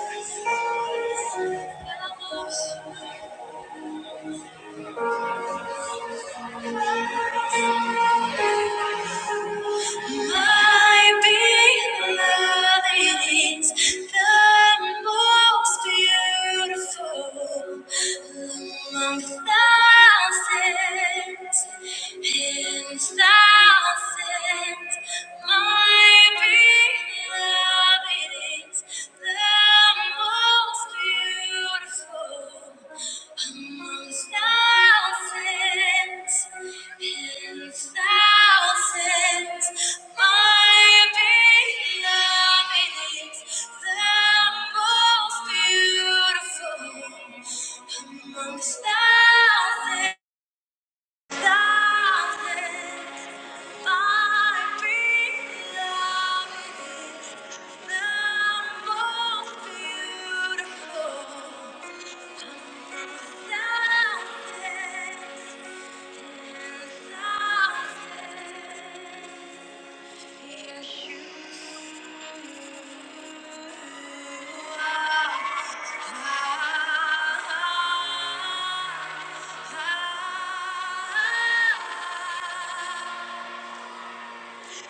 My beloved is the most beautiful among thousands and thousands. My beloved is the Thousands Yeshua.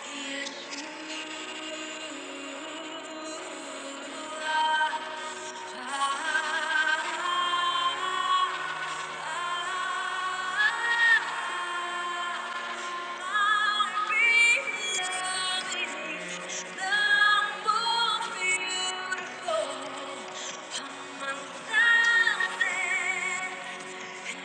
Beautiful, I'm unstoppable. Yes.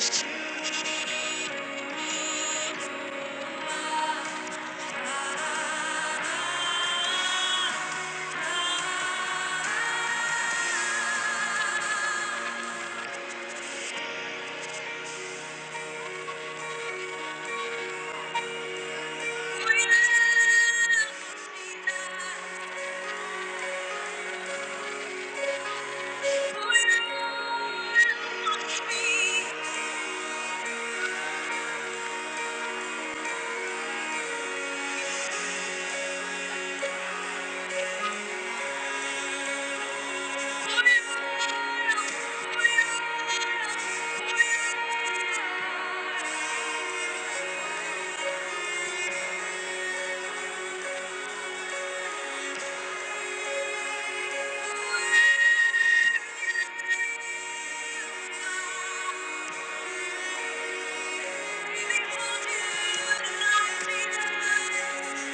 Thank you.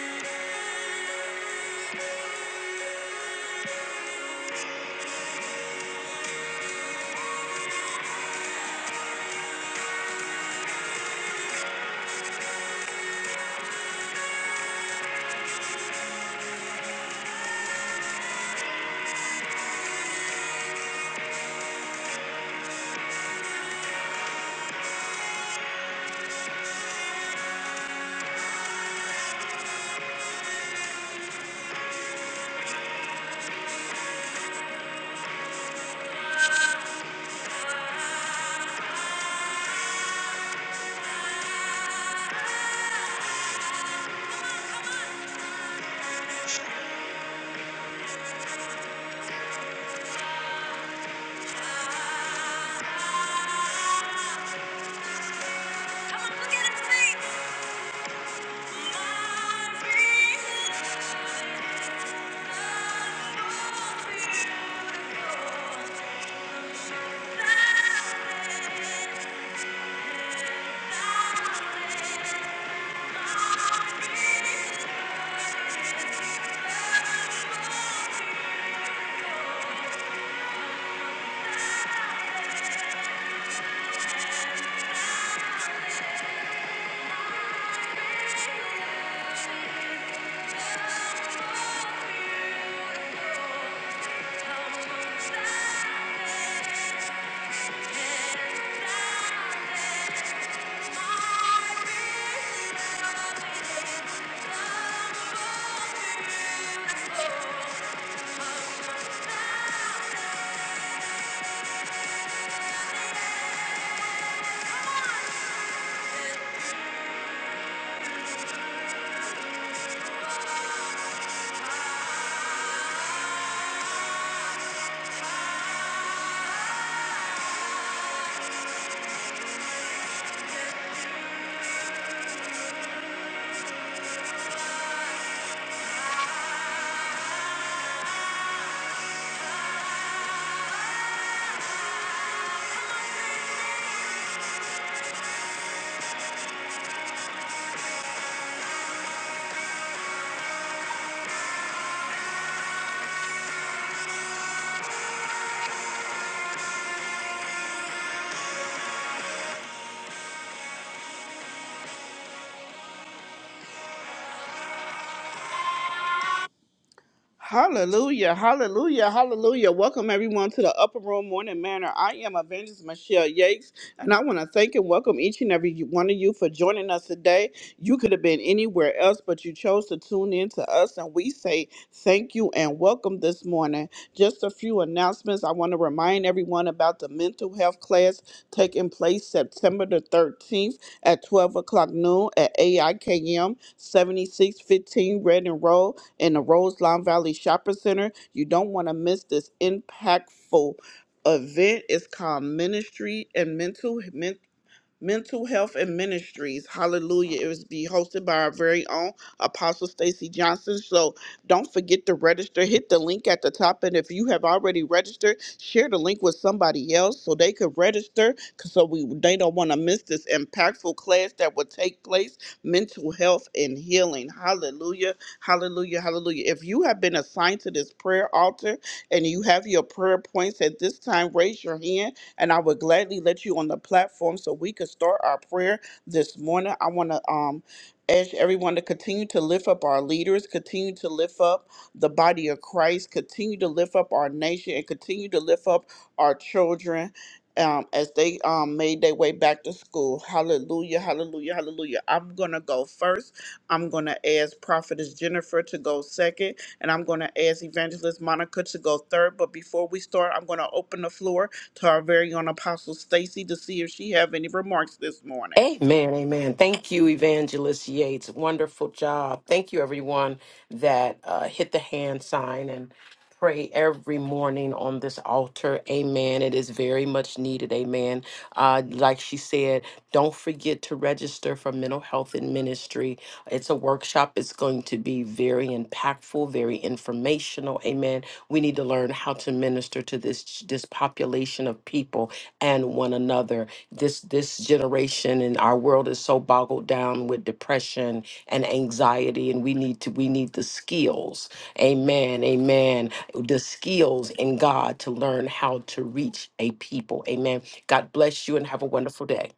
Thank you. Hallelujah, hallelujah, hallelujah. Welcome everyone to the Upper Room Morning Manor. I am Evangelist Michelle Yates, and I want to thank and welcome each and every one of you for joining us today. You could have been anywhere else, but you chose to tune in to us, and we say thank you and welcome this morning. Just a few announcements. I want to remind everyone about the mental health class taking place September the 13th at 12 o'clock noon at AIKM 7615 Red and Road in the Roseland Valley Shopping Center. You don't want to miss this impactful event. It's called Ministry and Mental Mental Health and Ministries. Hallelujah. It was be hosted by our very own Apostle Stacy Johnson. So don't forget to register. Hit the link at the top. And if you have already registered, share the link with somebody else so they could register. 'cause So we they don't want to miss this impactful class that will take place. Mental health and healing. Hallelujah. Hallelujah. Hallelujah. If you have been assigned to this prayer altar and you have your prayer points at this time, raise your hand and I would gladly let you on the platform so we could start our prayer this morning. I want to um, ask everyone to continue to lift up our leaders, continue to lift up the body of Christ, continue to lift up our nation, and continue to lift up our children um, as they um, made their way back to school. Hallelujah, hallelujah, hallelujah. I'm going to go first. I'm going to ask Prophetess Jennifer to go second, and I'm going to ask Evangelist Monica to go third. But before we start, I'm going to open the floor to our very own Apostle Stacy to see if she have any remarks this morning. Amen, amen. Thank you, Evangelist Yates. Wonderful job. Thank you, everyone that uh, hit the hand sign and pray every morning on this altar. Amen. It is very much needed. Amen. Uh, like she said, don't forget to register for mental health and ministry. It's a workshop. It's going to be very impactful, very informational. Amen. We need to learn how to minister to this this population of people and one another this this generation and our world is so boggled down with depression and anxiety and we need to we need the skills amen amen the skills in god to learn how to reach a people amen god bless you and have a wonderful day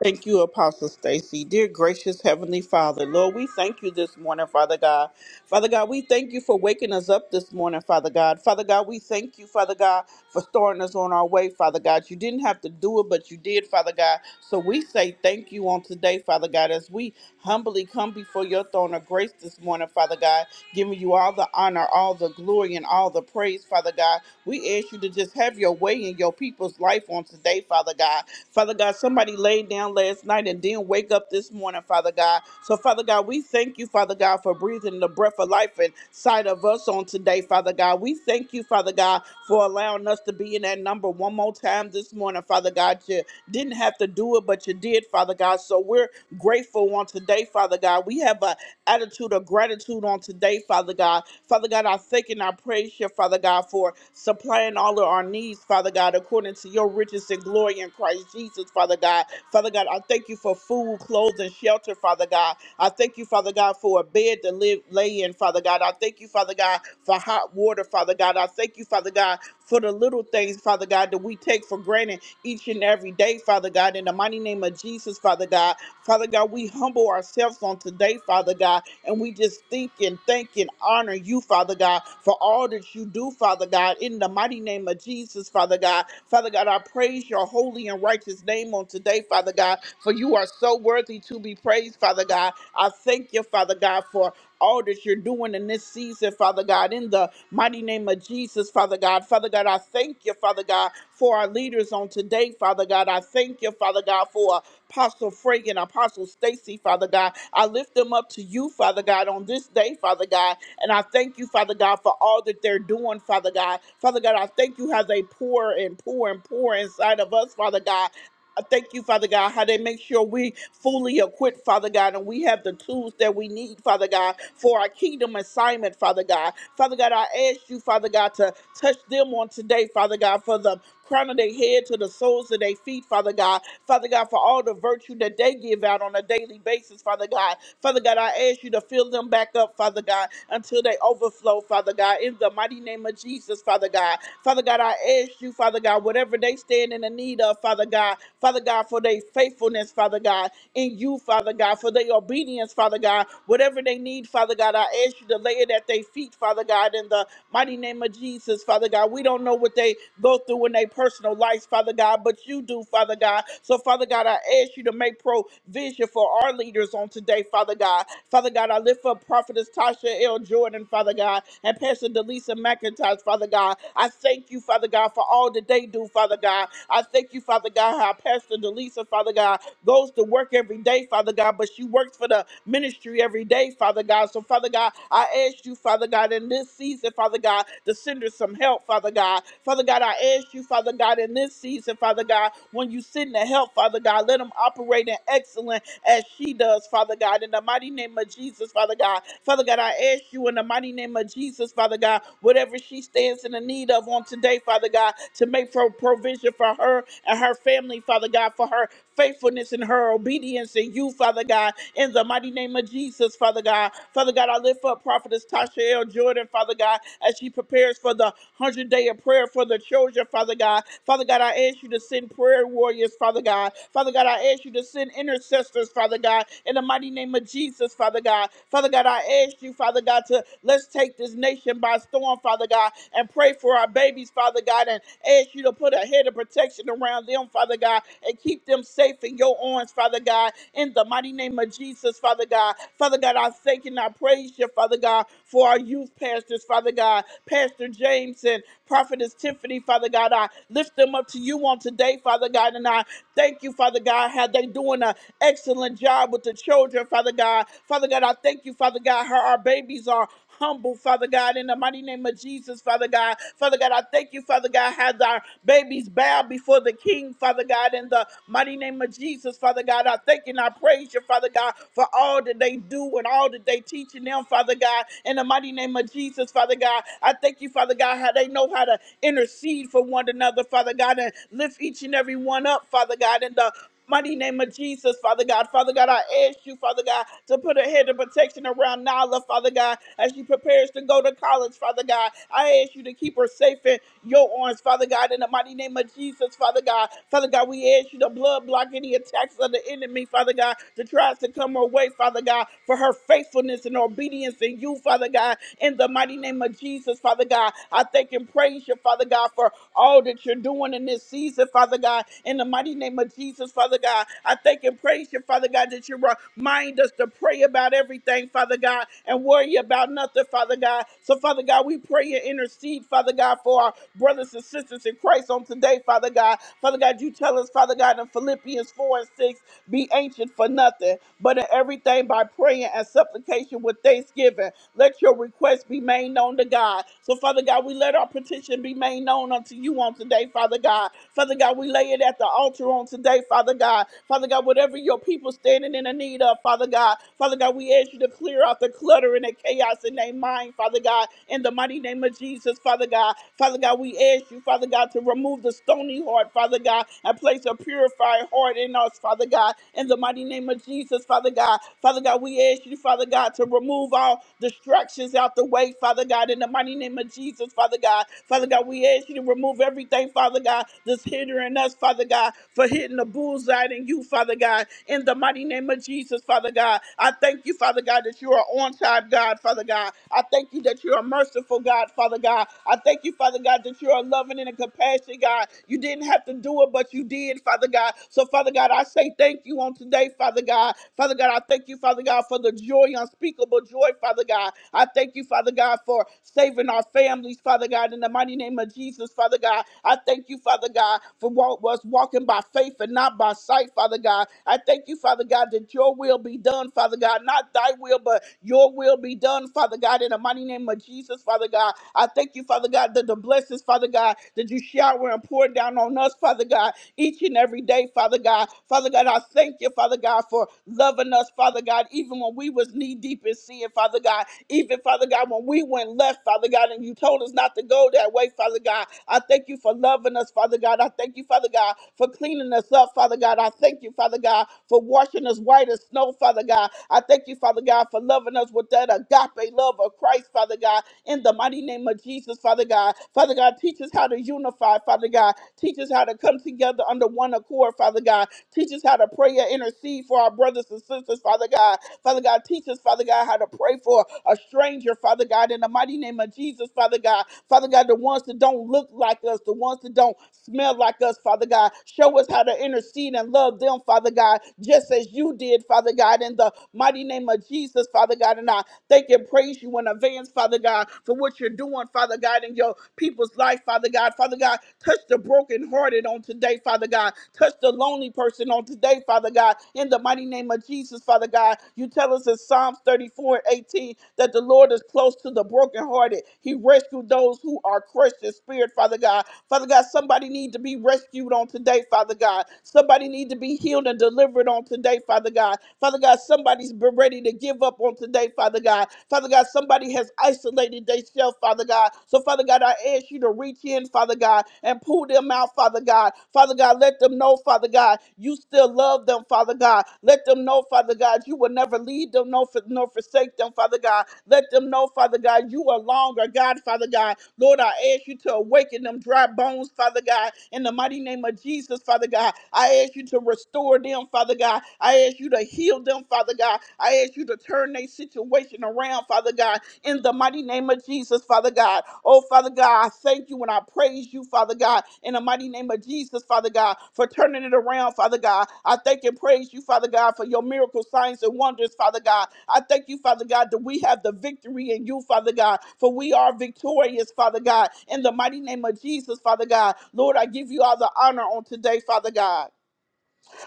Thank you, Apostle Stacy. Dear gracious Heavenly Father, Lord, we thank you this morning, Father God. Father God, we thank you for waking us up this morning, Father God. Father God, we thank you, Father God, for starting us on our way, Father God. You didn't have to do it, but you did, Father God. So we say thank you on today, Father God, as we humbly come before your throne of grace this morning, Father God, giving you all the honor, all the glory, and all the praise, Father God. We ask you to just have your way in your people's life on today, Father God. Father God, somebody laid down last night and didn't wake up this morning, Father God. So, Father God, we thank you, Father God, for breathing the breath of life inside of us on today, Father God. We thank you, Father God, for allowing us to be in that number one more time this morning, Father God. You didn't have to do it, but you did, Father God. So, we're grateful on today, Father God. We have attitude of gratitude on today, Father God. Father God, I thank and I praise you, Father God, for supplying all of our needs, Father God, according to your riches and glory in Christ Jesus, Father God. Father God, I thank you for food, clothes, and shelter, Father God. I thank you, Father God, for a bed to live lay in, Father God. I thank you, Father God, for hot water, Father God. I thank you, Father God, for the little things, Father God, that we take for granted each and every day, Father God. In the mighty name of Jesus, Father God. Father God, we humble ourselves on today, Father God, and we just think and thank and honor you, Father God, for all that you do, Father God, in the mighty name of Jesus, Father God. Father God, I praise your holy and righteous name on today, Father God, for you are so worthy to be praised, Father God. I thank you, Father God, for all that you're doing in this season, Father God, in the mighty name of Jesus, Father God. Father God, I thank you, Father God, for our leaders on today, Father God. I thank you, Father God, for Apostle Frank and Apostle Stacy, Father God. I lift them up to you, Father God, on this day, Father God. And I thank you, Father God, for all that they're doing, Father God. Father God, I thank you how they pour and pour and pour inside of us, Father God. I thank you, Father God, how they make sure we fully equipped, Father God, and we have the tools that we need, Father God, for our kingdom assignment, Father God. Father God, I ask you, Father God, to touch them on today, Father God, for the crown of their head to the soles of their feet, Father God. Father God, for all the virtue that they give out on a daily basis, Father God. Father God, I ask you to fill them back up, Father God, until they overflow, Father God, in the mighty name of Jesus, Father God. Father God, I ask you, Father God, whatever they stand in the need of, Father Father God. Father God, for their faithfulness, Father God, in you, Father God, for their obedience, Father God. Whatever they need, Father God, I ask you to lay it at their feet, Father God, in the mighty name of Jesus, Father God. We don't know what they go through in their personal lives, Father God, but you do, Father God. So, Father God, I ask you to make provision for our leaders on today, Father God. Father God, I lift up Prophetess Tasha L. Jordan, Father God, and Pastor Delisa McIntosh, Father God. I thank you, Father God, for all that they do, Father God. I thank you, Father God, how Pastor Delisa, Father God, goes to work every day, Father God, but she works for the ministry every day, Father God. So, Father God, I ask you, Father God, in this season, Father God, to send her some help, Father God. Father God, I ask you, Father God, in this season, Father God, when you send the help, Father God, let them operate in excellence as she does, Father God, in the mighty name of Jesus, Father God. Father God, I ask you in the mighty name of Jesus, Father God, whatever she stands in the need of on today, Father God, to make pro- provision future for her and her family, Father God, for her faithfulness and her obedience in you, Father God, in the mighty name of Jesus, Father God. Father God, I lift up Prophetess Tasha L. Jordan, Father God, as she prepares for the 100 day of prayer for the children, Father God. Father God, I ask you to send prayer warriors, Father God. Father God, I ask you to send intercessors, Father God, in the mighty name of Jesus, Father God. Father God, I ask you, Father God, to let's take this nation by storm, Father God, and pray for our babies, Father God, and ask you to put a head of protection around them, Father God, and keep them safe in your arms, Father God, in the mighty name of Jesus, Father God. Father God, I thank and I praise you, Father God, for our youth pastors, Father God, Pastor James and Prophetess Tiffany, Father God. I lift them up to you on today, Father God, and I thank you, Father God, how they doing an excellent job with the children, Father God. Father God, I thank you, Father God, how our babies are humble, Father God, in the mighty name of Jesus, Father God. Father God, I thank you, Father God, as our babies bow before the King, Father God, in the mighty name of Jesus, Father God. I thank you and I praise you, Father God, for all that they do and all that they teaching them, Father God, in the mighty name of Jesus, Father God. I thank you, Father God, how they know how to intercede for one another, Father God, and lift each and every one up, Father God, in the Mighty name of Jesus, Father God. Father God, I ask you, Father God, to put a head of protection around Nala, Father God, as she prepares to go to college, Father God. I ask you to keep her safe in your arms, Father God, in the mighty name of Jesus, Father God. Father God, we ask you to blood block any attacks of the enemy, Father God, that tries to come her way, Father God, for her faithfulness and obedience in you, Father God, in the mighty name of Jesus, Father God. I thank and praise you, Father God, for all all that you're doing in this season, Father God. In the mighty name of Jesus, Father God, I thank and praise you, Father God, that you remind us to pray about everything, Father God, and worry about nothing, Father God. So, Father God, we pray and intercede, Father God, for our brothers and sisters in Christ on today, Father God. Father God, you tell us, Father God, in Philippians 4 and 6, be anxious for nothing, but in everything by praying and supplication with thanksgiving. Let your requests be made made known to God. So, Father God, we let our petition be made known unto you on today, Father God. Father God, we lay it at the altar on today, Father God. Father God, whatever your people standing in the need of, Father God. Father God, we ask you to clear out the clutter and the chaos in their mind, Father God, in the mighty name of Jesus, Father God. Father God, we ask you, Father God, to remove the stony heart, Father God, and place a purified heart in us, Father God, in the mighty name of Jesus, Father God. Father God, we we ask you, Father God, to remove all distractions out the way, Father God, in the mighty name of Jesus, Father God. Father God, we ask you to remove everything, Father God, that's hindering us, Father God, for hitting the bullseye in you, Father God, in the mighty name of Jesus, Father God. I thank you, Father God, that you are on time, God, Father God. I thank you that you are merciful, God, Father God. I thank you, Father God, that you are loving and a compassionate God. You didn't have to do it, but you did, Father God. So, Father. Father God, I say thank you on today, Father God. Father God, I thank you, Father God, for the joy, unspeakable joy, Father God. I thank you, Father God, for saving our families, Father God, in the mighty name of Jesus, Father God. I thank you, Father God, for what was walking by faith and not by sight, Father God. I thank you, Father God, that your will be done, Father God, not thy will, but your will be done, Father God, in the mighty name of Jesus, Father God. I thank you, Father God, that the blessings, Father God, that you shower and pour down on us, Father God, each and every day, Father God. Father God, I thank you, Father God, for loving us, Father God, even when we was knee deep in sin, Father God. Even, Father God, when we went left, Father God, and you told us not to go that way, Father God. I thank you for loving us, Father God. I thank you, Father God, for cleaning us up, Father God. I thank you, Father God, for washing us white as snow, Father God. I thank you, Father God, for loving us with that agape love of Christ, Father God in the mighty name of Jesus, Father God. Father God, teach us how to unify, Father God. Teach us how to come together under one accord, Father God. Teach us how to pray and intercede for our brothers and sisters, Father God. Father God, teach us, Father God, how to pray for a stranger, Father God, in the mighty name of Jesus, Father God. Father God, the ones that don't look like us, the ones that don't smell like us, Father God. Show us how to intercede and love them, Father God, just as you did, Father God, in the mighty name of Jesus, Father God. And I thank and praise you in advance, Father God, for what what you're doing, Father God, in your people's life, Father God. Father God, touch the brokenhearted on today, Father God. Touch the lonely person on today, Father God. In the mighty name of Jesus, Father God, you tell us in Psalms 34 and 18 that the Lord is close to the brokenhearted. He rescued those who are crushed in spirit, Father God. Father God, somebody need to be rescued on today, Father God. Somebody need to be healed and delivered delivered on today, Father God. Father God, somebody's been ready to give up on today, Father God. Father God, somebody has isolated themselves, Father God. So, Father God, I ask you to reach in, Father God, and pull them out, Father God. Father God, let them know, Father God, you still love them, Father God. Let them know, Father God, you will never leave them nor, for, nor forsake them, Father God. Let them know, Father God, you are longer, God, Father God. Lord, I ask you to awaken them dry bones, Father God, in the mighty name of Jesus, Father God. I ask you to restore them, Father God. I ask you to heal them, Father God. I ask you to turn their situation around, Father God, in the mighty name of Jesus, Father God. Oh, Father God, I thank you and I praise you, Father God, in the mighty name of Jesus, Father God, for turning it around, Father God. I thank and praise you, Father God, for your miracle signs and wonders, Father God. I thank you, Father God, that we have the victory in you, Father God, for we are victorious, Father God, in the mighty name of Jesus, Father God. Lord, I give you all the honor on today, Father God.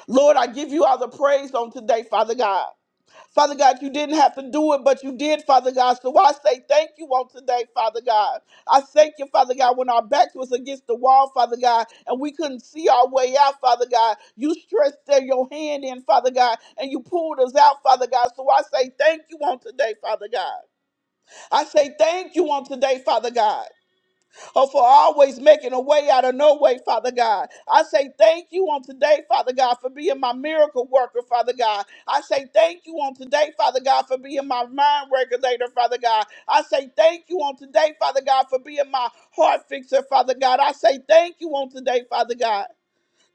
Lord, I give you all the praise on today, Father God. Father God, you didn't have to do it, but you did, Father God. So I say thank you on today, Father God. I thank you, Father God, when our backs was against the wall, Father God, and we couldn't see our way out, Father God. You stretched there your hand in, Father God, and you pulled us out, Father God. So I say thank you on today, Father God. I say thank you on today, Father God or for always making a way out of no way, Father God. I say thank you on today, Father God, for being my miracle worker, Father God. I say thank you on today, Father God, for being my mind regulator, Father God. I say thank you on today, Father God, for being my heart fixer, Father God. I say thank you on today, Father God.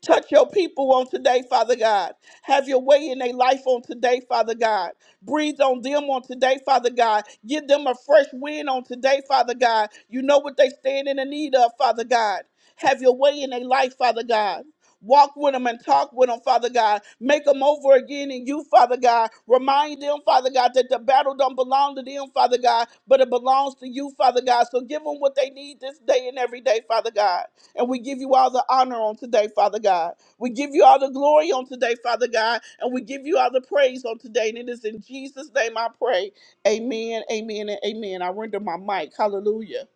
Touch your people on today, Father God. Have your way in their life on today, Father God. Breathe on them on today, Father God. Give them a fresh wind on today, Father God. You know what they stand in the need of, Father God. Have your way in their life, Father God. Walk with them and talk with them, Father God. Make them over again in you, Father God. Remind them, Father God, that the battle don't belong to them, Father God, but it belongs to you, Father God. So give them what they need this day and every day, Father God. And we give you all the honor on today, Father God. We give you all the glory on today, Father God. And we give you all the praise on today. And it is in Jesus' name I pray. Amen, amen, and amen. I render my mic. Hallelujah.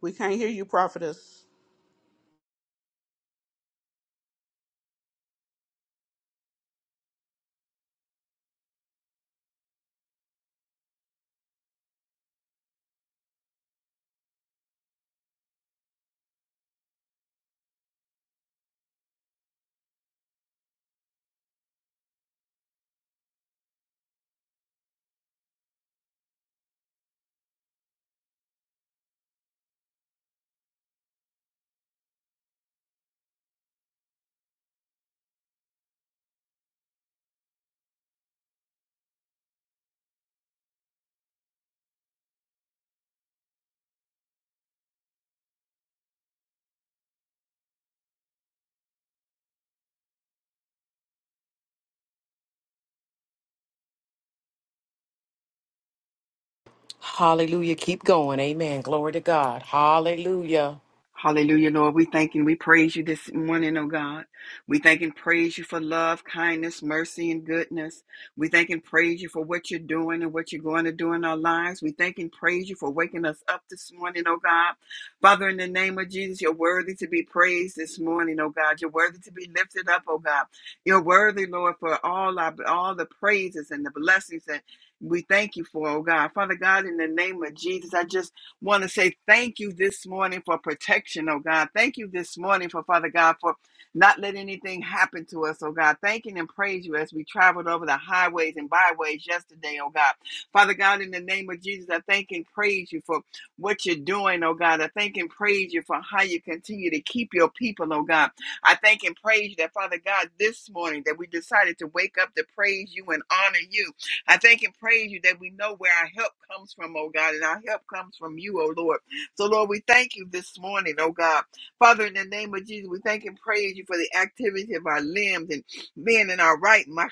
We can't hear you, prophetess. hallelujah keep going amen glory to god hallelujah Hallelujah, Lord. We thank and we praise you this morning, oh God. We thank and praise you for love, kindness, mercy, and goodness. We thank and praise you for what you're doing and what you're going to do in our lives. We thank and praise you for waking us up this morning, oh God. Father, in the name of Jesus, you're worthy to be praised this morning, oh God. You're worthy to be lifted up, oh God. You're worthy, Lord, for all our all the praises and the blessings that we thank you for, oh God. Father God, in the name of Jesus, I just want to say thank you this morning for protection, oh God. Thank you this morning for Father God for not letting anything happen to us, oh God. Thanking and praise you as we traveled over the highways and byways yesterday, oh God. Father God, in the name of Jesus, I thank and praise you for what you're doing, oh God. I thank and praise you for how you continue to keep your people, oh God. I thank and praise you that, Father God, this morning that we decided to wake up to praise you and honor you. I thank and praise you that we know where our help comes from, oh God, and our help comes from you, oh Lord. So, Lord, we thank you this morning, oh God. Father, in the name of Jesus, we thank and praise you for the activity of our limbs and being in our right mind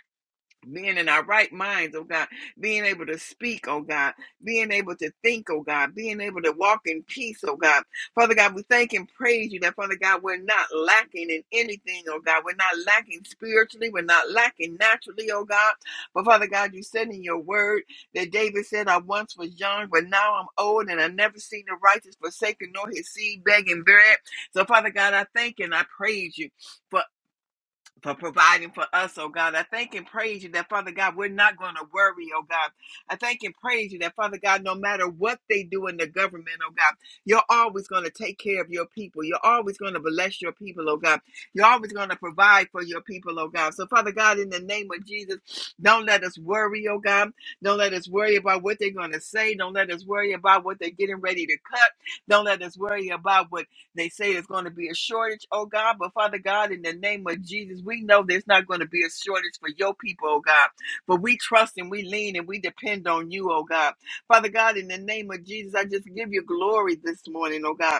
being in our right minds, oh God, being able to speak, oh God, being able to think, oh God, being able to walk in peace, oh God. Father God, we thank and praise you that, Father God, we're not lacking in anything, oh God. We're not lacking spiritually, we're not lacking naturally, oh God. But Father God, you said in your word that David said, I once was young, but now I'm old, and I've never seen the righteous forsaken nor his seed begging bread. So, Father God, I thank and I praise you. for for providing for us, oh God. I thank and praise you that, Father God, we're not going to worry, oh God. I thank and praise you that, Father God, no matter what they do in the government, oh God, you're always going to take care of your people. You're always going to bless your people, oh God. You're always going to provide for your people, oh God. So, Father God, in the name of Jesus, don't let us worry, oh God. Don't let us worry about what they're going to say. Don't let us worry about what they're getting ready to cut. Don't let us worry about what they say there's going to be a shortage, oh God. But Father God, in the name of Jesus, we know there's not going to be a shortage for your people, oh God. But we trust and we lean and we depend on you, oh God. Father God, in the name of Jesus, I just give you glory this morning, oh God.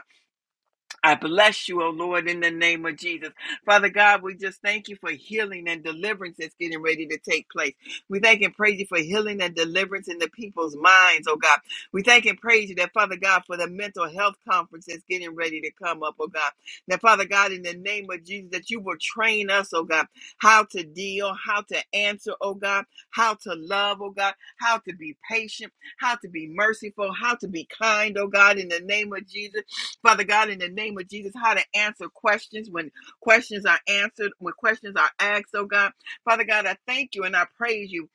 I bless you, O Lord, in the name of Jesus. Father God, we just thank you for healing and deliverance that's getting ready to take place. We thank and praise you for healing and deliverance in the people's minds, oh God. We thank and praise you that, Father God, for the mental health conference that's getting ready to come up, oh God. Now, Father God, in the name of Jesus, that you will train us, oh God, how to deal, how to answer, oh God, how to love, oh God, how to be patient, how to be merciful, how to be kind, oh God, in the name of Jesus Father God, in the name of Jesus, how to answer questions when questions are answered, when questions are asked, oh God. Father God, I thank you and I praise you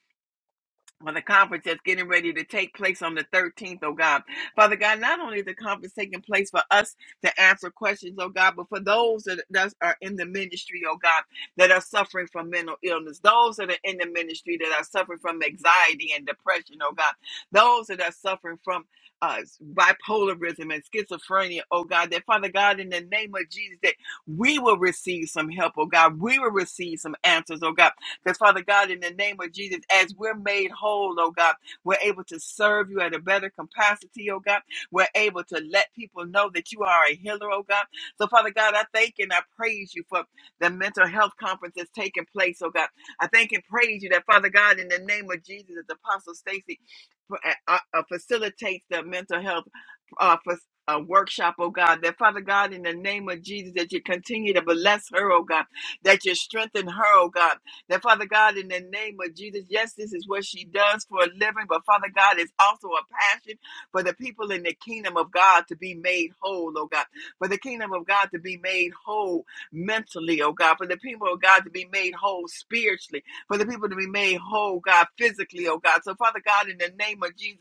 for the conference that's getting ready to take place on the 13th, oh God. Father God, not only is the conference taking place for us to answer questions, oh God, but for those that, that are in the ministry, oh God, that are suffering from mental illness, those that are in the ministry that are suffering from anxiety and depression, oh God, those that are suffering from uh, bipolarism and schizophrenia, oh God, that Father God, in the name of Jesus, that we will receive some help, oh God, we will receive some answers, oh God because, Father God, in the name of Jesus, as we're made whole, oh God, we're able to serve you at a better capacity, oh God. We're able to let people know that you are a healer, oh God. So, Father God, I thank and I praise you for the mental health conference that's taking place, oh God. I thank and praise you that, Father God, in the name of Jesus, that Apostle Stacy uh, uh, uh, facilitates the mental health uh, for a workshop, oh God, that Father God, in the name of Jesus, that you continue to bless her, oh God, that you strengthen her, oh God, that Father God, in the name of Jesus, yes, this is what she does for a living, but Father God, it's also a passion for the people in the kingdom of God to be made whole, oh God. For the kingdom of God to be made whole mentally, oh God. For the people of God to be made whole spiritually. For the people to be made whole, God, physically, oh God. So, Father God, in the name of Jesus,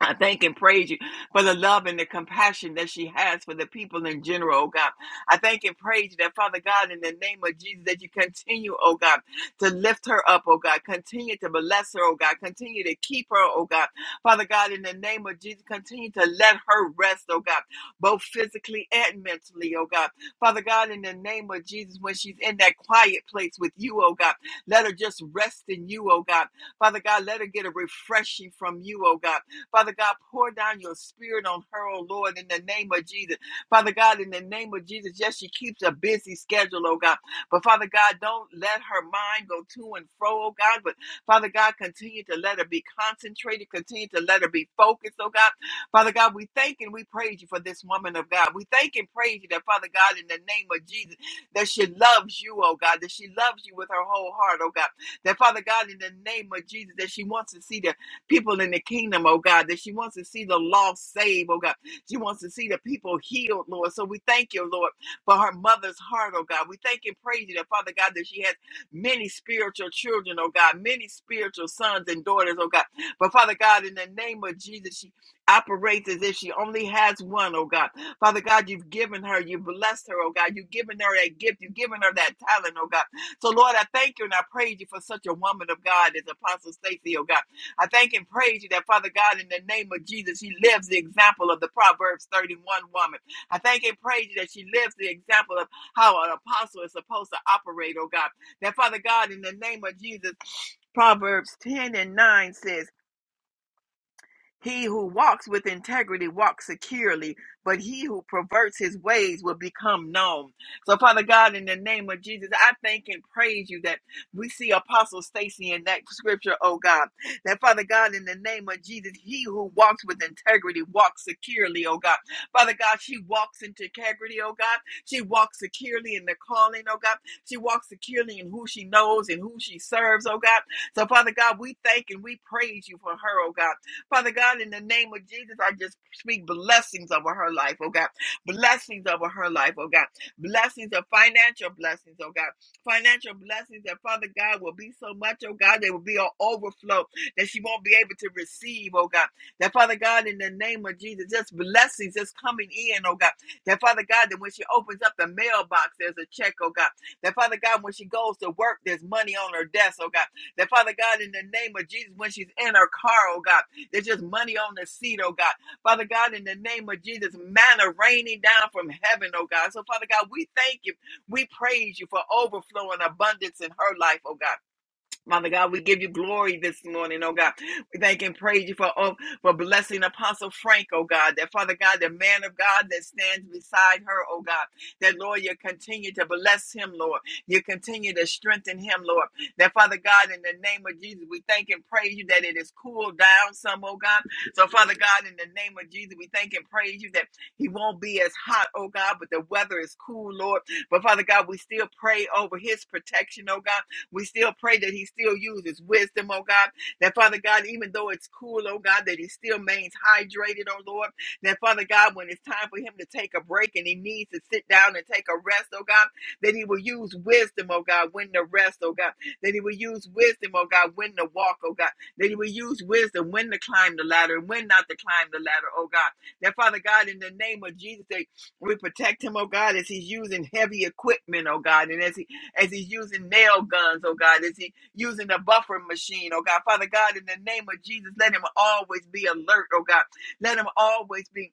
I thank and praise you for the love and the compassion that she has for the people in general, oh God. I thank and praise you that, Father God, in the name of Jesus, that you continue, oh God, to lift her up, oh God. Continue to bless her, oh God. Continue to keep her, oh God. Father God, in the name of Jesus, continue to let her rest, oh God, both physically and mentally, oh God. Father God, in the name of Jesus, when she's in that quiet place with you, oh God, let her just rest in you, oh God. Father God, let her get a refreshing from you, oh God. Father God, pour down your spirit on her, oh Lord, in the name of Jesus. Father God, in the name of Jesus, yes, she keeps a busy schedule, oh God. But Father God, don't let her mind go to and fro, oh God. But Father God, continue to let her be concentrated, continue to let her be focused, oh God. Father God, we thank and we praise you for this woman of God. We thank and praise you that, Father God, in the name of Jesus, that she loves you, oh God, that she loves you with her whole heart, oh God. That, Father God, in the name of Jesus, that she wants to see the people in the kingdom, oh God, that she wants to see the lost saved, oh God. She wants to see the people healed, Lord. So we thank you, Lord, for her mother's heart, oh God. We thank and praise you that, Father God, that she has many spiritual children, oh God, many spiritual sons and daughters, oh God. But Father God, in the name of Jesus, she operates as if she only has one, oh God. Father God, you've given her, you've blessed her, oh God. You've given her that gift, you've given her that talent, oh God. So, Lord, I thank you and I praise you for such a woman of God as Apostle Stacy, oh God. I thank and praise you that, Father God, in the name of Jesus, she lives the example of the Proverbs 31 woman. I thank and praise you that she lives the example of how an apostle is supposed to operate, oh God. That, Father God, in the name of Jesus, Proverbs 10 and 9 says, he who walks with integrity walks securely, but he who perverts his ways will become known. So, Father God, in the name of Jesus, I thank and praise you that we see Apostle Stacy in that scripture, oh God. That, Father God, in the name of Jesus, he who walks with integrity walks securely, oh God. Father God, she walks in integrity, oh God. She walks securely in the calling, oh God. She walks securely in who she knows and who she serves, oh God. So, Father God, we thank and we praise you for her, oh God. Father God, in the name of Jesus, I just speak blessings over her life, oh God. Blessings over her life, oh God. Blessings of financial blessings, oh God. Financial blessings that Father God will be so much, oh God, they will be an overflow that she won't be able to receive, oh God. That Father God, in the name of Jesus, just blessings just coming in, oh God. That Father God, that when she opens up the mailbox, there's a check, oh God. That Father God, when she goes to work, there's money on her desk, oh God. That Father God, in the name of Jesus, when she's in her car, oh God they just money on the seat, oh God. Father God, in the name of Jesus, manna raining down from heaven, oh God. So, Father God, we thank you. We praise you for overflowing abundance in her life, oh God. Father God, we give you glory this morning, oh God. We thank and praise you for oh, for blessing Apostle Frank, oh God. That Father God, the man of God that stands beside her, oh God. That Lord, you continue to bless him, Lord. You continue to strengthen him, Lord. That Father God, in the name of Jesus, we thank and praise you that it is cooled down some, oh God. So Father God, in the name of Jesus, we thank and praise you that he won't be as hot, oh God, but the weather is cool, Lord. But Father God, we still pray over his protection, oh God. We still pray that he still uses wisdom, oh God. That Father God, even though it's cool, oh God, that he still remains hydrated, oh Lord. That Father God, when it's time for him to take a break and he needs to sit down and take a rest, oh God, that he will use wisdom, oh God, when to rest, oh God. That he will use wisdom, oh God, when to walk, oh God. That he will use wisdom when to climb the ladder and when not to climb the ladder, oh God. That Father God, in the name of Jesus, that we protect him, oh God, as he's using heavy equipment, oh God, and as he as he's using nail guns, oh God, as he using the buffering machine, oh God. Father God, in the name of Jesus, let him always be alert, oh God. Let him always be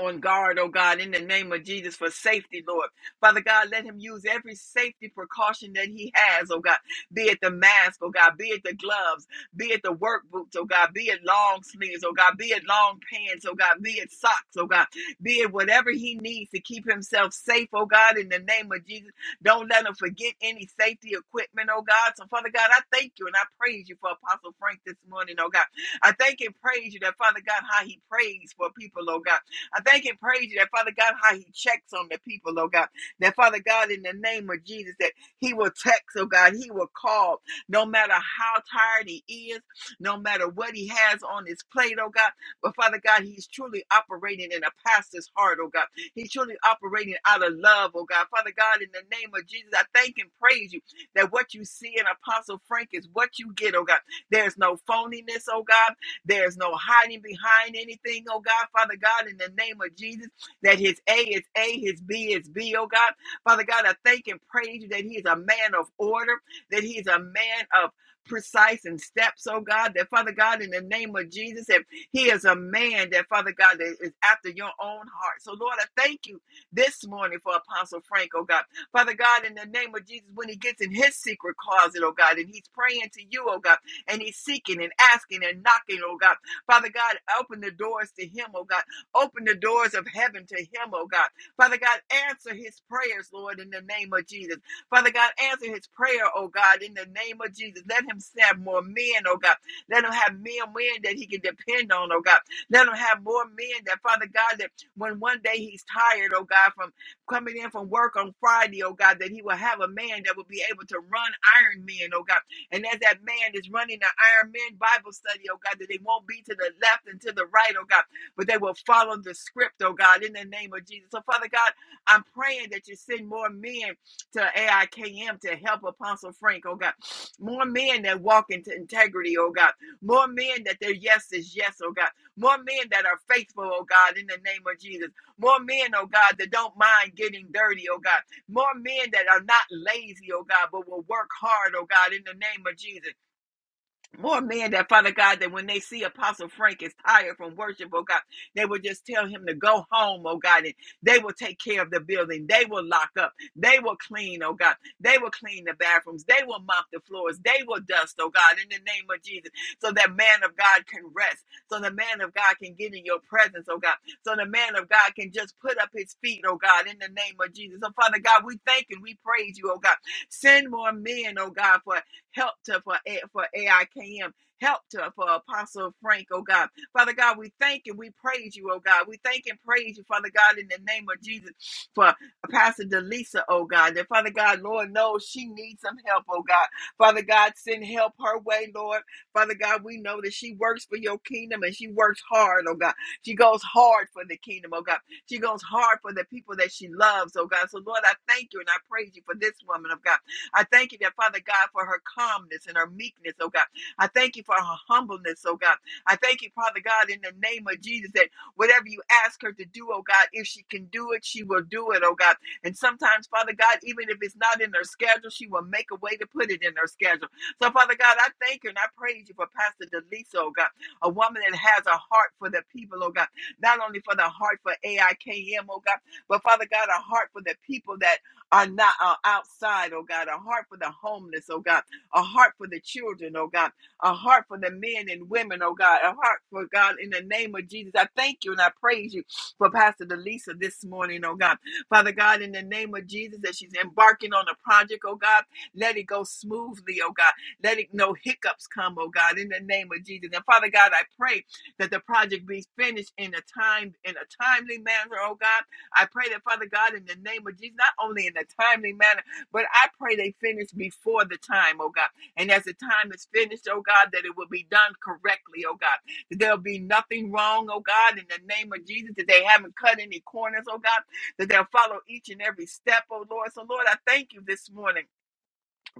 on guard, oh God, in the name of Jesus for safety, Lord. Father God, let him use every safety precaution that he has, oh God, be it the mask, oh God, be it the gloves, be it the work boots, oh God, be it long sleeves, oh God, be it long pants, oh God, be it socks, oh God, be it whatever he needs to keep himself safe, oh God, in the name of Jesus. Don't let him forget any safety equipment, oh God. So, Father God, I thank you and I praise you for Apostle Frank this morning, oh God. I thank and praise you that, Father God, how he prays for people, oh God. I thank and praise you that Father God, how he checks on the people, oh God. That Father God, in the name of Jesus, that he will text, oh God, he will call, no matter how tired he is, no matter what he has on his plate, oh God. But Father God, he's truly operating in a pastor's heart, oh God. He's truly operating out of love, oh God. Father God, in the name of Jesus, I thank and praise you that what you see in Apostle Frank is what you get, oh God. There's no phoniness, oh God. There's no hiding behind anything, oh God, Father God, in the name of Jesus, that his A is A, his B is B, oh God. Father God, I thank and praise you that he is a man of order, that he is a man of precise and steps, oh God, that Father God, in the name of Jesus, that he is a man that Father God that is after your own heart. So Lord, I thank you this morning for Apostle Frank, oh God. Father God, in the name of Jesus, when he gets in his secret closet, oh God, and he's praying to you, oh God and he's seeking and asking and knocking, oh God. Father God, open the doors to him, oh God. Open the doors of heaven to him, oh God. Father God, answer his prayers, Lord, in the name of Jesus. Father God, answer his prayer, oh God, in the name of Jesus. Let him have more men, oh God. Let him have men, men that he can depend on, oh God. Let him have more men that, Father God, that when one day he's tired, oh God, from coming in from work on Friday, oh God, that he will have a man that will be able to run iron men, oh God and as that man is running the Iron Man Bible study, oh God, that they won't be to the left and to the right, oh God, but they will follow the script, oh God, in the name of Jesus. So, Father God, I'm praying that you send more men to AIKM to help Apostle Frank, oh God. More men that walk into integrity, oh God. More men that their yes is yes, oh God. More men that are faithful, oh God, in the name of Jesus. More men, oh God, that don't mind getting dirty, oh God more men that are not lazy, oh God, but will work hard, oh God, in the name of Jesus. More men that, Father God, that when they see Apostle Frank is tired from worship, oh God, they will just tell him to go home, oh God, and they will take care of the building. They will lock up. They will clean, oh God. They will clean the bathrooms. They will mop the floors. They will dust, oh God, in the name of Jesus, so that man of God can rest, so the man of God can get in your presence, oh God, so the man of God can just put up his feet, oh God, in the name of Jesus. So, Father God, we thank and we praise you, oh God. Send more men, oh God, for Helped her for, A- for AIKM. Helped her for Apostle Frank, oh God. Father God, we thank and we praise you, oh God. We thank and praise you, Father God, in the name of Jesus for Pastor Delisa, oh God. And Father God, Lord knows she needs some help, oh God. Father God, send help her way, Lord. Father God, we know that she works for your kingdom and she works hard, oh God. She goes hard for the kingdom, oh God. She goes hard for the people that she loves, oh God. So, Lord, I thank you and I praise you for this woman of God. I thank you that, Father God, for her calmness and her meekness, oh God. I thank you for her humbleness, oh God. I thank you, Father God, in the name of Jesus, that whatever you ask her to do, oh God, if she can do it, she will do it, oh God. And sometimes, Father God, even if it's not in her schedule, she will make a way to put it in her schedule. So, Father God, I thank you and I praise you for Pastor Delisa, oh God, a woman that has a heart for the people, oh God, not only for the heart for AIKM, oh God, but Father God, a heart for the people that are not are outside, oh God, a heart for the homeless, oh God, a heart for the children, oh God, a heart for the men and women, oh God, a heart for God in the name of Jesus. I thank you and I praise you for Pastor Delisa this morning, oh God. Father God, in the name of Jesus, that she's embarking on a project, oh God, let it go smoothly, oh God. Let it no hiccups come, oh God, in the name of Jesus. And Father God, I pray that the project be finished in a time in a timely manner, oh God I pray that, Father God, in the name of Jesus, not only in a timely manner, but I pray they finish before the time, oh God. And as the time is finished, oh God, that it will be done correctly, oh God. That there'll be nothing wrong, oh God, in the name of Jesus, that they haven't cut any corners, oh God, that they'll follow each and every step, oh Lord. So, Lord, I thank you this morning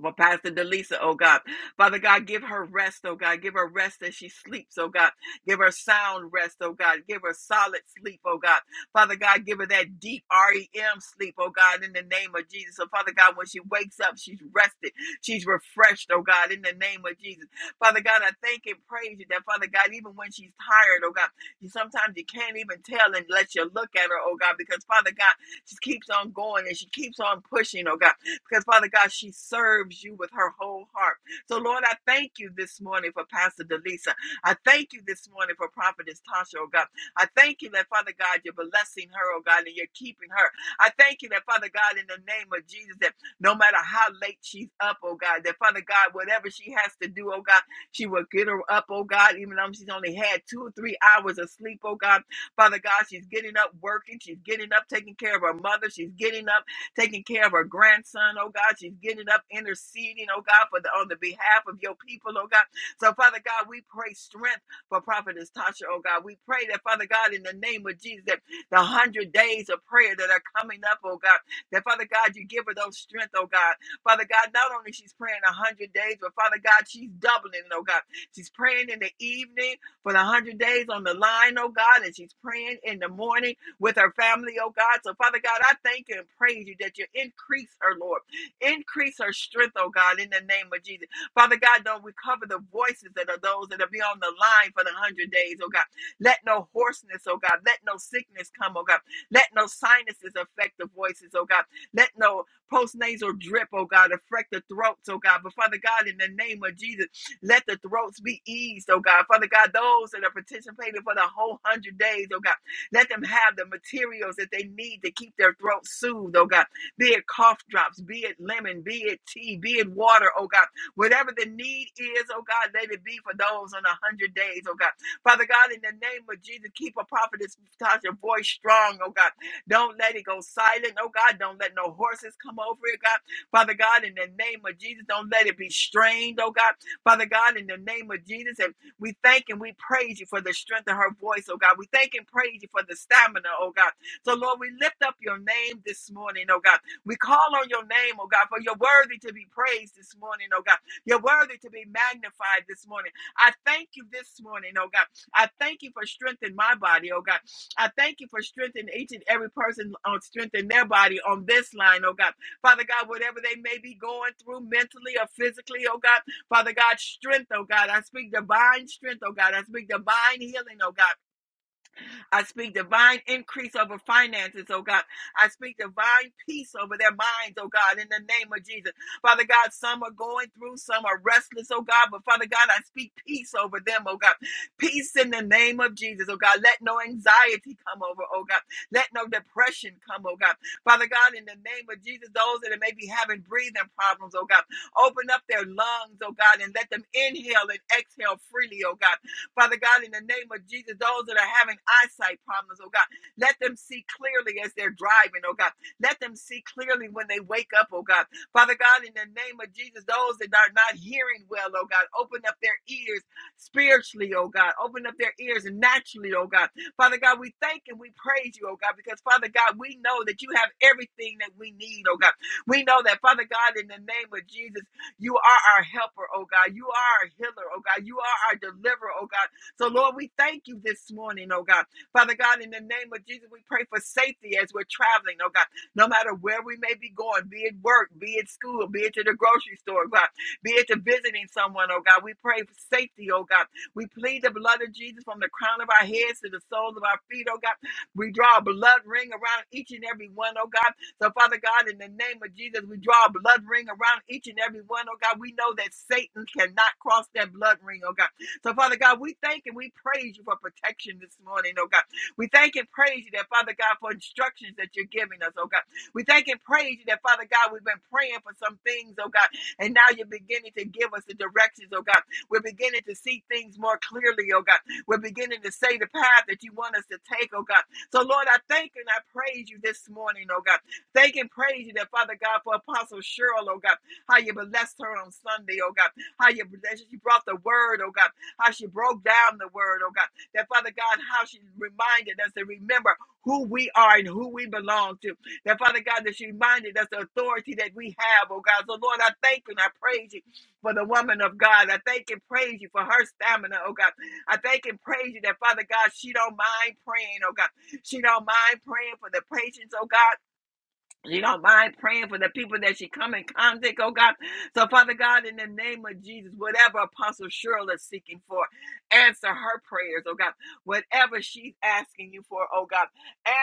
for Pastor Delisa, oh God. Father God, give her rest, oh God. Give her rest as she sleeps, oh God. Give her sound rest, oh God. Give her solid sleep, oh God. Father God, give her that deep REM sleep, oh God, in the name of Jesus. So, Father God, when she wakes up, she's rested. She's refreshed, oh God, in the name of Jesus. Father God, I thank and praise you that, Father God, even when she's tired, oh God, you sometimes you can't even tell unless you look at her, oh God, because, Father God, she keeps on going and she keeps on pushing, oh God because Father God, she serves you with her whole heart. So Lord, I thank you this morning for Pastor Delisa. I thank you this morning for Prophetess Tasha, oh God. I thank you that Father God, you're blessing her, oh God, and you're keeping her. I thank you that Father God, in the name of Jesus, that no matter how late she's up, oh God, that Father God, whatever she has to do, oh God, she will get her up, oh God, even though she's only had two or three hours of sleep, oh God. Father God, she's getting up working, she's getting up taking care of her mother, she's getting up taking care of her grandson, oh God. She's getting up, interceding, oh God, for the, on the behalf of your people, oh God. So, Father God, we pray strength for Prophetess Tasha, oh God. We pray that, Father God, in the name of Jesus, that the hundred days of prayer that are coming up, oh God, that, Father God, you give her those strength, oh God. Father God, not only she's praying a hundred days, but Father God, she's doubling it, oh God. She's praying in the evening for the hundred days on the line, oh God, and she's praying in the morning with her family, oh God. So, Father God, I thank you and praise you that you increase her, Lord. Increase her strength, oh God, in the name of Jesus. Father God, don't we cover the voices that are those that will be on the line for the hundred days, oh God. Let no hoarseness, oh God. Let no sickness come, oh God. Let no sinuses affect the voices, oh God. Let no postnasal drip, oh God, affect the throats, oh God. But Father God, in the name of Jesus, let the throats be eased, oh God. Father God, those that are participating for the whole hundred days, oh God. Let them have the materials that they need to keep their throat soothed, oh God. Be it cough drops, be it lemon, be it tea, be it water, oh God. Whatever the need is, oh God, let it be for those on a hundred days, oh God. Father God, in the name of Jesus, keep a prophetess Tasha voice strong, oh God. Don't let it go silent, oh God. Don't let no horses come over it, God. Father God, in the name of Jesus, don't let it be strained, oh God. Father God, in the name of Jesus. We thank and we praise you for the strength of her voice, oh God. We thank and praise you for the stamina, oh God. So, Lord, we lift up your name this morning, oh God. We call on your name, oh God, for you're worthy to be praised this morning, oh God. You're worthy to be magnified this morning. I thank you this morning, oh God. I thank you for strengthening my body, oh God. I thank you for strengthening each and every person on strengthening their body on this line, oh God. Father God, whatever they may be going through mentally or physically, oh God. Father God, strength, oh God. I speak divine strength, oh God. I speak divine healing, oh God. I speak divine increase over finances, oh God. I speak divine peace over their minds, oh God, in the name of Jesus. Father God, some are going through, some are restless, oh God, but Father God, I speak peace over them, oh God. Peace in the name of Jesus, oh God. Let no anxiety come over, oh God. Let no depression come, oh God. Father God, in the name of Jesus, those that may be having breathing problems, oh God, open up their lungs, oh God, and let them inhale and exhale freely, oh God. Father God, in the name of Jesus, those that are having eyesight problems, oh God, let them see clearly as they're driving, oh God. Let them see clearly when they wake up, oh God. Father God, in the name of Jesus, those that are not hearing well, oh God, open up their ears spiritually, oh God. Open up their ears naturally, oh God. Father God, we thank and we praise you, oh God, because Father God, we know that you have everything that we need, oh God. We know that, Father God, in the name of Jesus. You are our helper, oh God. You are our healer, oh God. You are our deliverer, oh God. So, Lord, we thank you this morning, oh God. Father God, in the name of Jesus, we pray for safety as we're traveling, oh God. No matter where we may be going, be it work, be it school, be it to the grocery store, God, be it to visiting someone, oh God. We pray for safety, oh God. We plead the blood of Jesus from the crown of our heads to the soles of our feet, oh God. We draw a blood ring around each and every one, oh God so, Father God, in the name of Jesus, we draw a blood ring around each and every one, oh God. We know that Satan cannot cross that blood ring, oh God. So, Father God, we thank and we praise you for protection this morning, oh God. We thank and praise you that, Father God, for instructions that you're giving us, oh God. We thank and praise you that, Father God, we've been praying for some things, oh God, and now you're beginning to give us the directions, oh God. We're beginning to see things more clearly, oh God. We're beginning to say the path that you want us to take, oh God. So, Lord, I thank and I praise you this morning, oh God. Thank and praise you that Father God for Apostle Cheryl, oh God, how you blessed her on Sunday, oh God, how you blessed she brought the word, oh God, how she broke down the word, oh God, that Father God, how she reminded us to remember who we are and who we belong to. That Father God, that she reminded us the authority that we have, oh God. So Lord, I thank you and I praise you for the woman of God. I thank and praise you for her stamina, oh God. I thank and praise you that Father God, she don't mind praying, oh God. She don't mind praying for the patience, oh God. You don't mind praying for the people that she come in contact, oh God. So, Father God, in the name of Jesus, whatever Apostle Cheryl is seeking for, answer her prayers, oh God. Whatever she's asking you for, oh God,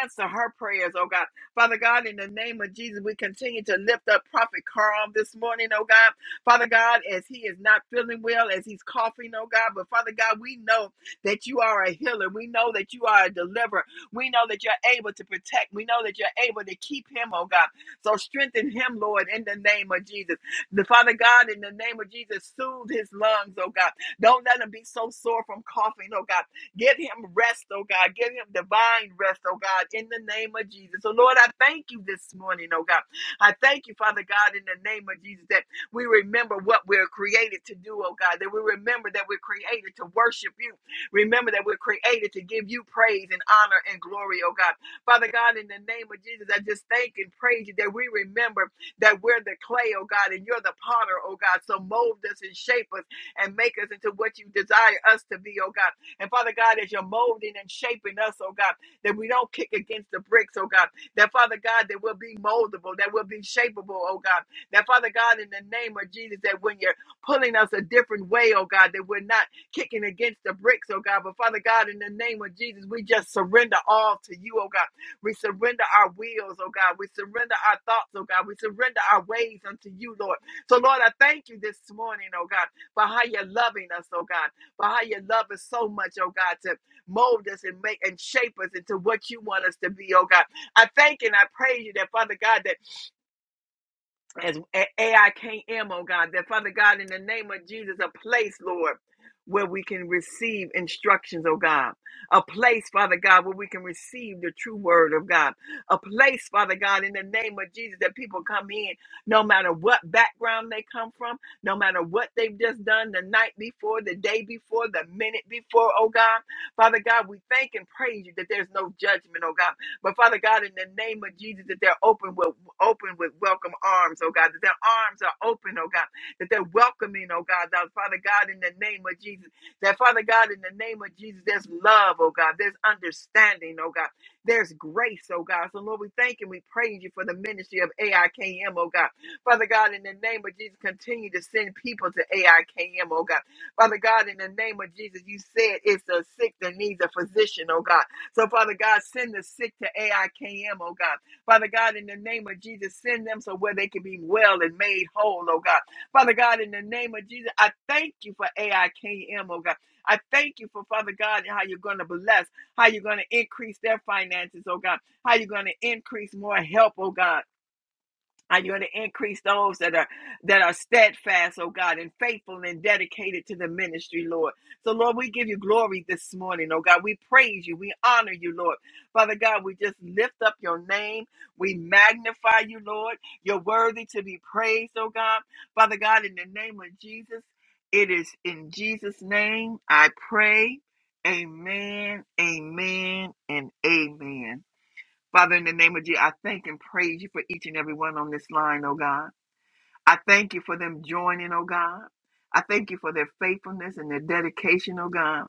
answer her prayers, oh God. Father God, in the name of Jesus, we continue to lift up Prophet Carl this morning, oh God. Father God, as he is not feeling well, as he's coughing, oh God, but Father God, we know that you are a healer. We know that you are a deliverer. We know that you're able to protect. We know that you're able to keep him, oh God. So strengthen him, Lord, in the name of Jesus. The Father God, in the name of Jesus, soothe his lungs, oh God. Don't let him be so sore from coughing, oh God. Give him rest, oh God. Give him divine rest, oh God, in the name of Jesus. So, Lord, I thank you this morning, oh God. I thank you, Father God, in the name of Jesus, that we remember what we're created to do, oh God, that we remember that we're created to worship you, Remember that we're created to give you praise and honor and glory, oh God. Father God, in the name of Jesus, I just thank and praise you that we remember that we're the clay, oh God, and you're the potter, oh God. So mold us and shape us and make us into what you desire us to be, oh God. And Father God, as you're molding and shaping us, oh God, that we don't kick against the bricks, oh God. That Father God, that we'll be moldable, that we'll be shapeable, oh God. That Father God, in the name of Jesus, that when you're pulling us a different way, oh God, that we're not kicking against the bricks, oh God. But Father God, in the name of Jesus, we just surrender all to you, oh God. We surrender our wills, oh God. We surrender our thoughts, oh God. We surrender our ways unto you, Lord. So, Lord, I thank you this morning, oh God, for how you're loving us, oh God, for how you love us so much, oh God, to mold us and make and shape us into what you want us to be, oh God. I thank and I praise you that, Father God, that as A- AIKM, oh God, that Father God, in the name of Jesus, a place, Lord, where we can receive instructions, oh God. A place, Father God, where we can receive the true word of God. A place, Father God, in the name of Jesus, that people come in no matter what background they come from, no matter what they've just done the night before, the day before, the minute before, oh God. Father God, we thank and praise you that there's no judgment, oh God. But Father God, in the name of Jesus, that they're open with open with welcome arms, oh God, that their arms are open, oh God, that they're welcoming, oh God, that Father God, in the name of Jesus, that Father God, in the name of Jesus, there's love, oh God, there's understanding, oh God, there's grace, oh God. So Lord, we thank and we praise you for the ministry of AIKM, oh God. Father God, in the name of Jesus, continue to send people to AIKM, oh God. Father God, in the name of Jesus, you said it's a sick that needs a physician, oh God. So, Father God, send the sick to AIKM, oh God. Father God, in the name of Jesus, send them so where they can be well and made whole, oh God. Father God, in the name of Jesus, I thank you for AIKM, oh God. I thank you for Father God and how you're going to bless, how you're going to increase their finances, oh God, how you're going to increase more help, oh God. And you're going to increase those that are that are steadfast, oh God, and faithful and dedicated to the ministry, Lord. So, Lord, we give you glory this morning, oh God. We praise you. We honor you, Lord. Father God, we just lift up your name. We magnify you, Lord. You're worthy to be praised, oh God. Father God, in the name of Jesus, it is in Jesus' name I pray. Amen, amen, and amen. Father, in the name of Jesus, I thank and praise you for each and every one on this line, oh God. I thank you for them joining, oh God. I thank you for their faithfulness and their dedication, oh God.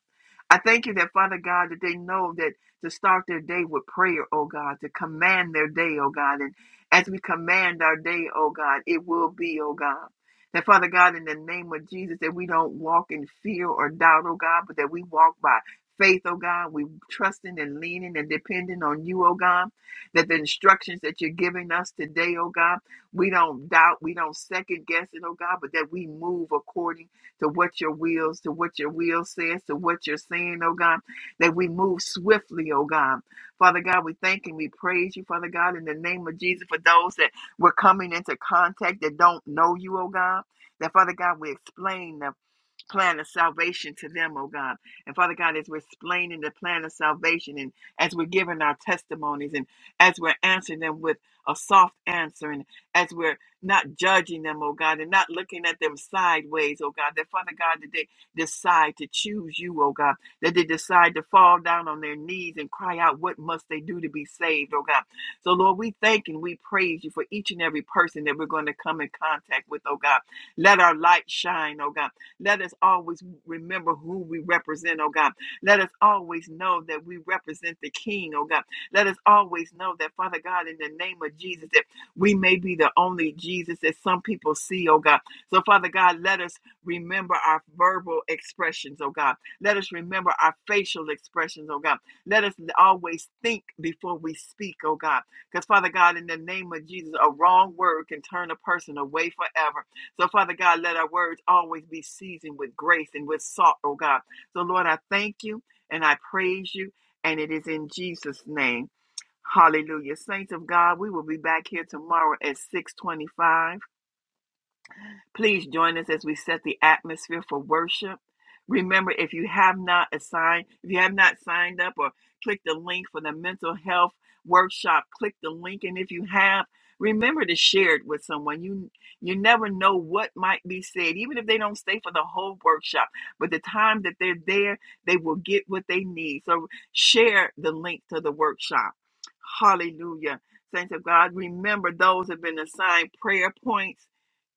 I thank you that, Father God, that they know that to start their day with prayer, oh God, to command their day, oh God. And as we command our day, oh God, it will be, oh God. That, Father God, in the name of Jesus, that we don't walk in fear or doubt, oh God, but that we walk by faith, oh God. We trusting and leaning and depending on you, oh God. That the instructions that you're giving us today, oh God, we don't doubt, we don't second guess it, oh God, but that we move according to what your wills, to what your will says, to what you're saying, oh God, that we move swiftly, oh God. Father God, we thank and we praise you, Father God, in the name of Jesus, for those that we're coming into contact that don't know you, oh God. That Father God, we explain them plan of salvation to them, oh God. And Father God, as we're explaining the plan of salvation and as we're giving our testimonies and as we're answering them with a soft answer and as we're not judging them, oh God, and not looking at them sideways, oh God, that Father God, that they decide to choose you, oh God, that they decide to fall down on their knees and cry out, What must they do to be saved, oh God? So, Lord, we thank and we praise you for each and every person that we're going to come in contact with, oh God. Let our light shine, oh God. Let us always remember who we represent, oh God. Let us always know that we represent the King, oh God. Let us always know that, Father God, in the name of Jesus, that we may be the only Jesus that some people see, oh God. So, Father God, let us remember our verbal expressions, oh God. Let us remember our facial expressions, oh God. Let us always think before we speak, oh God. Because, Father God, in the name of Jesus, a wrong word can turn a person away forever. So, Father God, let our words always be seasoned with grace and with salt, oh God. So, Lord, I thank you and I praise you, and it is in Jesus' name. Hallelujah. Saints of God, we will be back here tomorrow at 625. Please join us as we set the atmosphere for worship. Remember, if you have not assigned, if you have not signed up or clicked the link for the mental health workshop, click the link. And if you have, remember to share it with someone. You you never know what might be said, even if they don't stay for the whole workshop. But the time that they're there, they will get what they need. So share the link to the workshop. Hallelujah. Saints of God, remember those have been assigned prayer points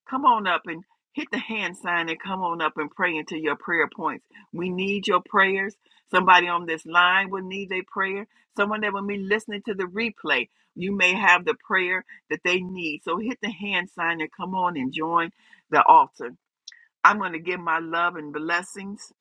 Come on up and hit the hand sign and come on up and pray into your prayer points. We need your prayers. Somebody on this line will need a prayer. Someone that will be listening to the replay, you may have the prayer that they need. So hit the hand sign and come on and join the altar. I'm going to give my love and blessings.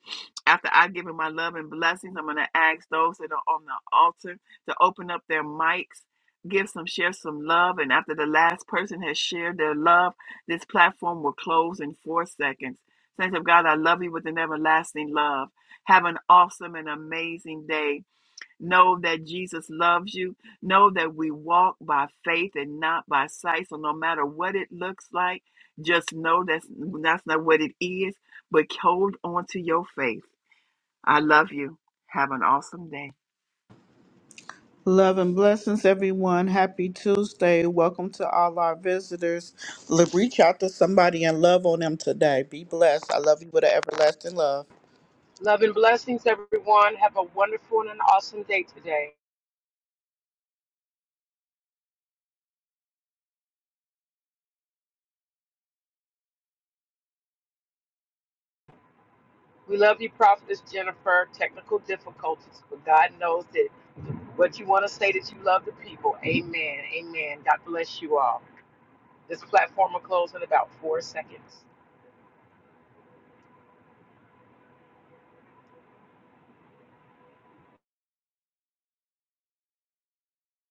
After I give him my love and blessings, I'm going to ask those that are on the altar to open up their mics, give some, share some love. And after the last person has shared their love, this platform will close in four seconds. Saints of God, I love you with an everlasting love. Have an awesome and amazing day. Know that Jesus loves you. Know that we walk by faith and not by sight. So no matter what it looks like, just know that's that's not what it is. But hold on to your faith. I love you. Have an awesome day. Love and blessings, everyone. Happy Tuesday. Welcome to all our visitors. L- Reach out to somebody and love on them today. Be blessed. I love you with an everlasting love. Love and blessings, everyone. Have a wonderful and an awesome day today. We love you, Prophetess Jennifer. Technical difficulties, but God knows that what you want to say that you love the people. Amen. Amen. God bless you all. This platform will close in about four seconds.